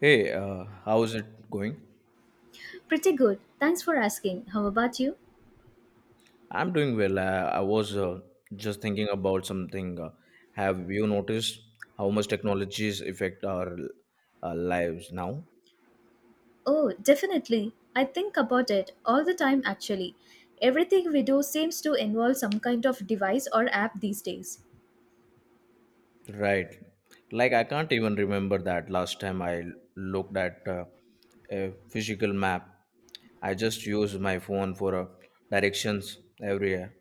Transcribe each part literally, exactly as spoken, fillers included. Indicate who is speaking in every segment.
Speaker 1: Hey, uh, how is it going?
Speaker 2: Pretty good. Thanks for asking. How about you?
Speaker 1: I'm doing well. I, I was uh, just thinking about something. Uh, have you noticed how much technologies affect our uh, lives now?
Speaker 2: Oh, definitely. I think about it all the time actually. Everything we do seems to involve some kind of device or app these days.
Speaker 1: Right. Like, I can't even remember that last time I looked at uh, a physical map. I just use my phone for uh, directions everywhere.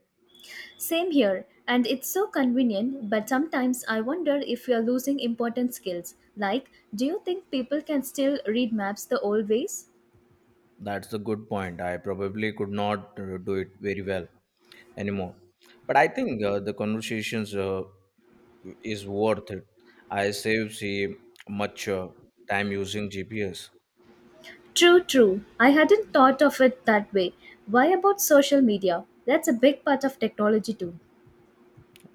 Speaker 2: Same here, and it's so convenient, but sometimes I wonder if we are losing important skills. Like, do you think people can still read maps the old ways?
Speaker 1: That's a good point. I probably could not uh, do it very well anymore. But I think uh, the conversations uh, is worth it. I save see much uh, time using G P S.
Speaker 2: True, true. I hadn't thought of it that way. Why about social media? That's a big part of technology too.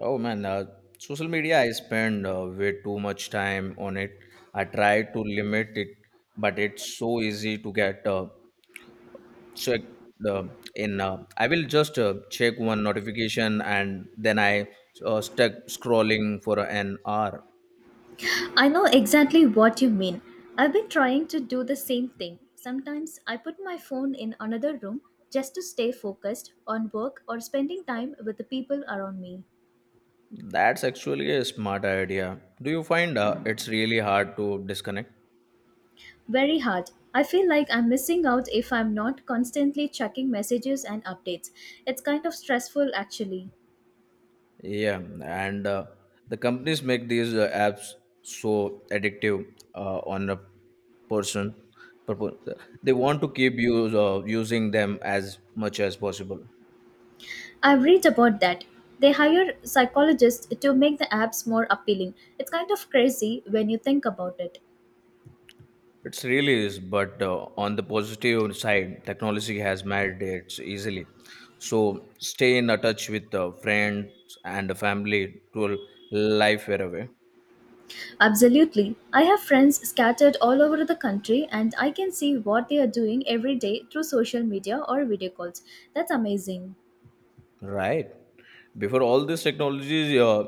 Speaker 1: Oh man, uh, social media I spend uh, way too much time on it. I try to limit it, but it's so easy to get uh, checked uh, in. Uh, I will just uh, check one notification and then I uh, stuck scrolling for an hour.
Speaker 2: I know exactly what you mean. I've been trying to do the same thing. Sometimes I put my phone in another room just to stay focused on work or spending time with the people around me.
Speaker 1: That's actually a smart idea. Do you find uh, it's really hard to disconnect?
Speaker 2: Very hard. I feel like I'm missing out if I'm not constantly checking messages and updates. It's kind of stressful actually.
Speaker 1: Yeah, and uh, the companies make these uh, apps so addictive uh, on a person. purpo- They want to keep you uh, using them as much as possible.
Speaker 2: I've read about that. They hire psychologists to make the apps more appealing. It's kind of crazy when you think about it.
Speaker 1: It's really is, but uh, on the positive side, technology has made it easily. So stay in a touch with uh, friends and the family to life far away.
Speaker 2: Absolutely. I have friends scattered all over the country and I can see what they are doing every day through social media or video calls. That's amazing.
Speaker 1: Right. Before all these technologies, uh,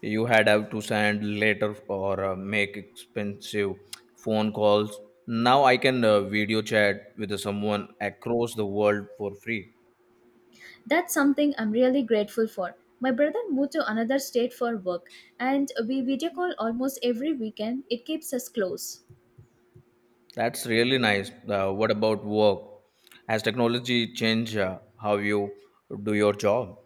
Speaker 1: you had have to send letter or uh, make expensive phone calls. Now I can uh, video chat with someone across the world for free.
Speaker 2: That's something I'm really grateful for. My brother moved to another state for work and we video call almost every weekend. It keeps us close.
Speaker 1: That's really nice. Uh, what about work? Has technology changed uh, how you do your job?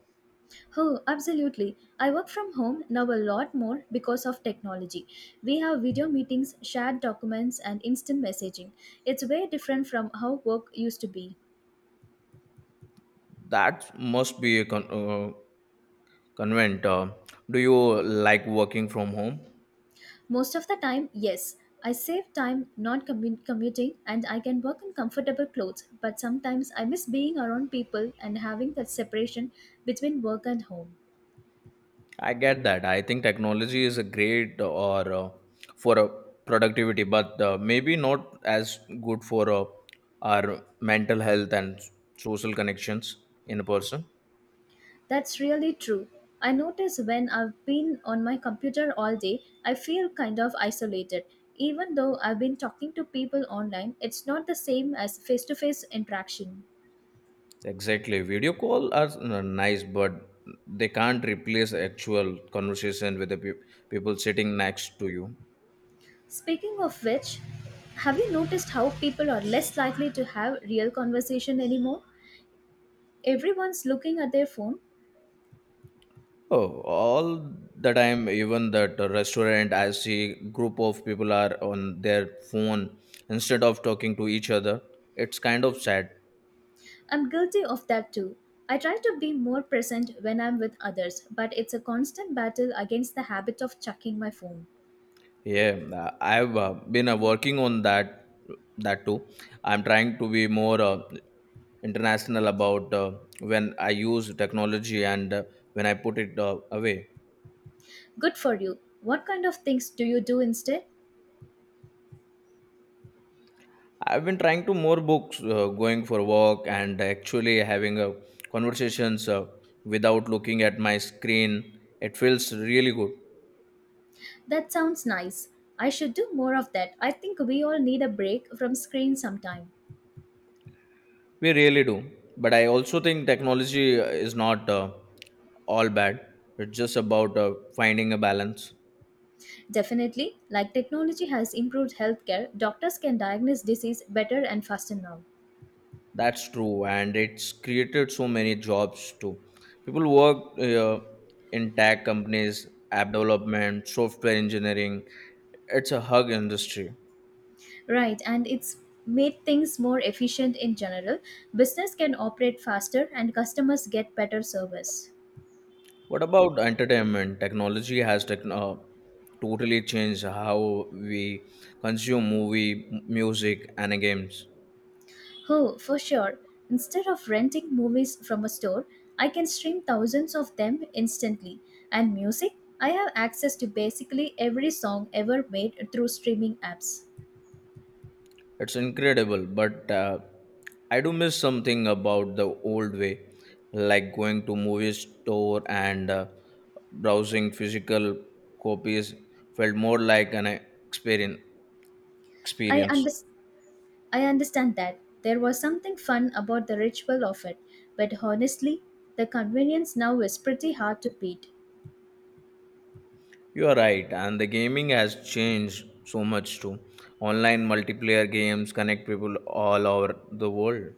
Speaker 2: Oh, absolutely. I work from home now a lot more because of technology. We have video meetings, shared documents, and instant messaging. It's way different from how work used to be.
Speaker 1: That must be a con- uh, convent. Uh, do you like working from home?
Speaker 2: Most of the time, yes. I save time not commu- commuting and I can work in comfortable clothes, but sometimes I miss being around people and having that separation between work and home.
Speaker 1: I get that. I think technology is a great or uh, for a productivity, but uh, maybe not as good for uh, our mental health and social connections in person.
Speaker 2: That's really true. I notice when I've been on my computer all day, I feel kind of isolated. Even though I've been talking to people online, it's not the same as face to face interaction.
Speaker 1: Exactly. Video call are uh, nice, but they can't replace actual conversation with the peop people sitting next to you.
Speaker 2: Speaking of which, have you noticed how people are less likely to have real conversation anymore? Everyone's looking at their phone.
Speaker 1: Oh, all the time, even that restaurant, I see group of people are on their phone instead of talking to each other. It's kind of sad.
Speaker 2: I'm guilty of that too. I try to be more present when I'm with others, but it's a constant battle against the habit of chucking my phone.
Speaker 1: Yeah, uh, I've uh, been uh, working on that that too. I'm trying to be more uh, international about uh, when I use technology and uh, when I put it uh, away.
Speaker 2: Good for you. What kind of things do you do instead?
Speaker 1: I've been trying to more books, uh, going for walk, and actually having uh, conversations uh, without looking at my screen. It feels really good.
Speaker 2: That sounds nice. I should do more of that. I think we all need a break from screen sometime.
Speaker 1: We really do. But I also think technology is not uh, all bad. It's just about uh, finding a balance.
Speaker 2: Definitely, like technology has improved healthcare, doctors can diagnose disease better and faster now.
Speaker 1: That's true, and it's created so many jobs too. People work uh, in tech companies, app development, software engineering. It's a hug industry.
Speaker 2: Right, and it's made things more efficient in general. Business can operate faster and customers get better service.
Speaker 1: What about entertainment? Technology has techn uh, totally changed how we consume movie, m- music, and games.
Speaker 2: Oh, for sure. Instead of renting movies from a store, I can stream thousands of them instantly. And music, I have access to basically every song ever made through streaming apps.
Speaker 1: It's incredible, but uh, I do miss something about the old way, like going to movie store and uh, browsing physical copies felt more like an experience.
Speaker 2: I
Speaker 1: Experience.
Speaker 2: unders I understand that there was something fun about the ritual of it, but honestly, the convenience now is pretty hard to beat.
Speaker 1: You are right, and the gaming has changed so much too. Online multiplayer games connect people all over the world.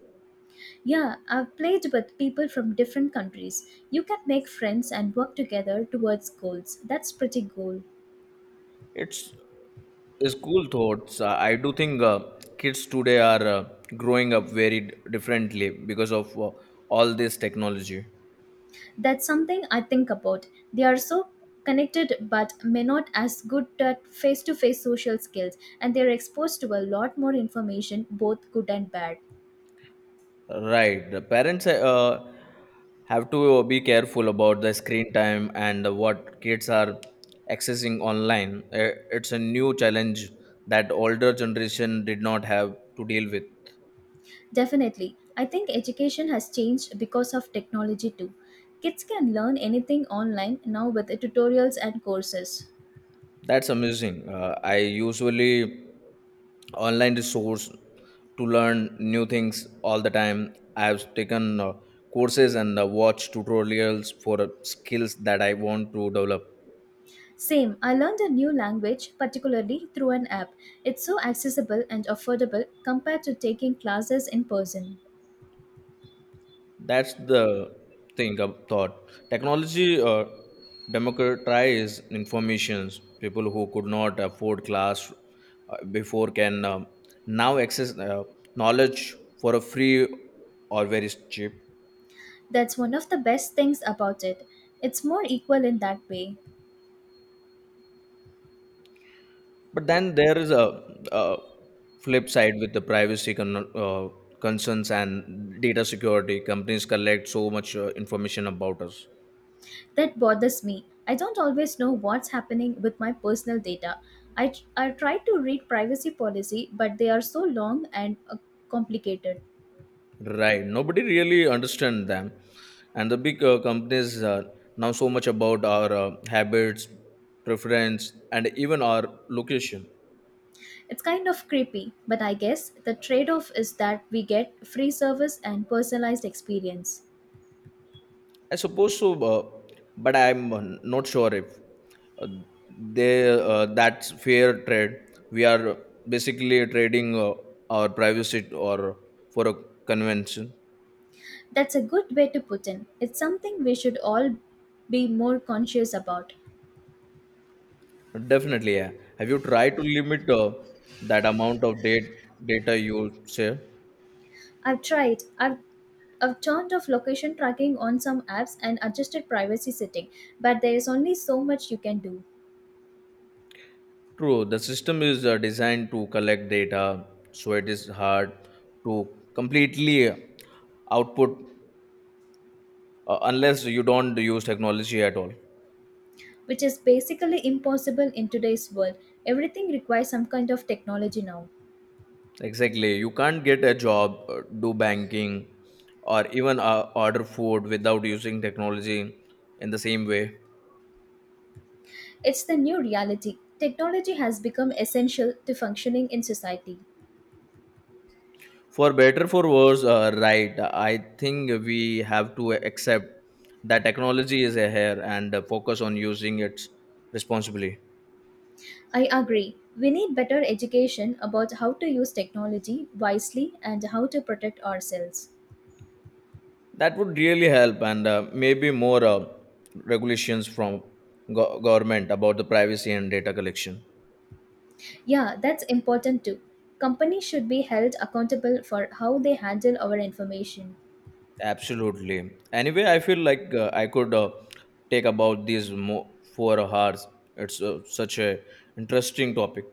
Speaker 2: Yeah, I've played with people from different countries. You can make friends and work together towards goals. That's pretty cool.
Speaker 1: It's School thoughts. Uh, I do think uh, kids today are uh, growing up very d- differently because of uh, all this technology.
Speaker 2: That's something I think about. They are so connected but may not as good at face-to-face social skills and they're exposed to a lot more information both good and bad.
Speaker 1: Right. The parents uh, have to uh, be careful about the screen time and what kids are accessing online. Uh, It's a new challenge that older generation did not have to deal with.
Speaker 2: Definitely. I think education has changed because of technology too. Kids can learn anything online now with tutorials and courses.
Speaker 1: That's amazing. Uh, I usually online resource to learn new things all the time. I have taken uh, courses and uh, watched tutorials for uh, skills that I want to develop.
Speaker 2: Same, I learned a new language, particularly through an app. It's so accessible and affordable compared to taking classes in person.
Speaker 1: That's the thing I thought. Technology uh, democratizes informations. People who could not afford class uh, before can um now access uh, knowledge for a free or very cheap.
Speaker 2: That's one of the best things about it. It's more equal in that way.
Speaker 1: But then there is a, a flip side with the privacy con- uh, concerns and data security. Companies collect so much uh, information about us.
Speaker 2: That bothers me. I don't always know what's happening with my personal data. I, I try to read privacy policy, but they are so long and uh, complicated.
Speaker 1: Right. Nobody really understand them, and the big uh, companies uh, now so much about our uh, habits, preference, and even our location.
Speaker 2: It's kind of creepy, but I guess the trade off is that we get free service and personalized experience.
Speaker 1: I suppose so, uh, but I'm uh, not sure if uh, they uh, that's fair trade. We are basically trading uh, our privacy or for a convention.
Speaker 2: That's a good way to put in. It's something we should all be more conscious about.
Speaker 1: Definitely, yeah. Have you tried to limit uh, that amount of date, data you share?
Speaker 2: I've tried. I've I've turned off location tracking on some apps and adjusted privacy setting, but there is only so much you can do,
Speaker 1: True, the system is uh, designed to collect data, so it is hard to completely output uh, unless you don't use technology at all.
Speaker 2: which is basically impossible in today's world. Everything requires some kind of technology now.
Speaker 1: Exactly. You can't get a job, uh, do banking, or even uh, order food without using technology in the same way.
Speaker 2: It's the new reality. Technology has become essential to functioning in society.
Speaker 1: For better, for worse, uh, right, I think we have to accept that technology is here and uh, focus on using it responsibly.
Speaker 2: I agree. We need better education about how to use technology wisely and how to protect ourselves.
Speaker 1: That would really help, and uh, maybe more uh, regulations from go- government about the privacy and data collection.
Speaker 2: Yeah, that's important too. Companies should be held accountable for how they handle our information.
Speaker 1: Absolutely. Anyway, I feel like uh, I could uh, take about these mo- four hours. It's uh, such a interesting topic.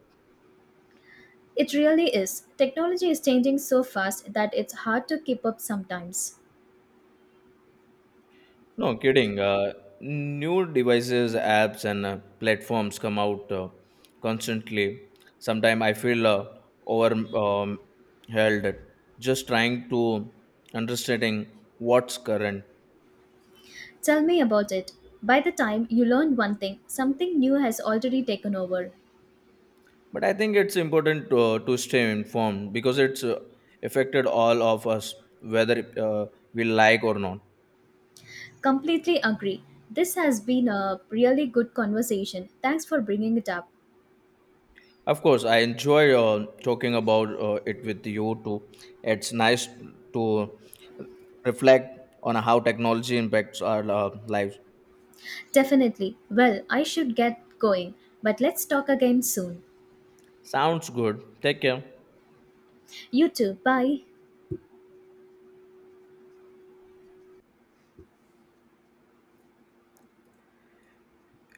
Speaker 2: It really is. Technology is changing so fast that it's hard to keep up sometimes.
Speaker 1: No kidding. Uh, new devices, apps, and uh, platforms come out uh, constantly. Sometimes I feel uh, over um, held. Just trying to understanding what's current.
Speaker 2: Tell me about it. By the time you learn one thing, something new has already taken over.
Speaker 1: But I think it's important to, to stay informed because it's uh, affected all of us whether uh, we like or not.
Speaker 2: Completely agree. This has been a really good conversation. Thanks for bringing it up.
Speaker 1: Of course I enjoy uh, talking about uh, it with you too. It's nice to reflect on how technology impacts our uh, lives.
Speaker 2: Definitely. Well, I should get going, but let's talk again soon.
Speaker 1: Sounds good, take care.
Speaker 2: You too. Bye.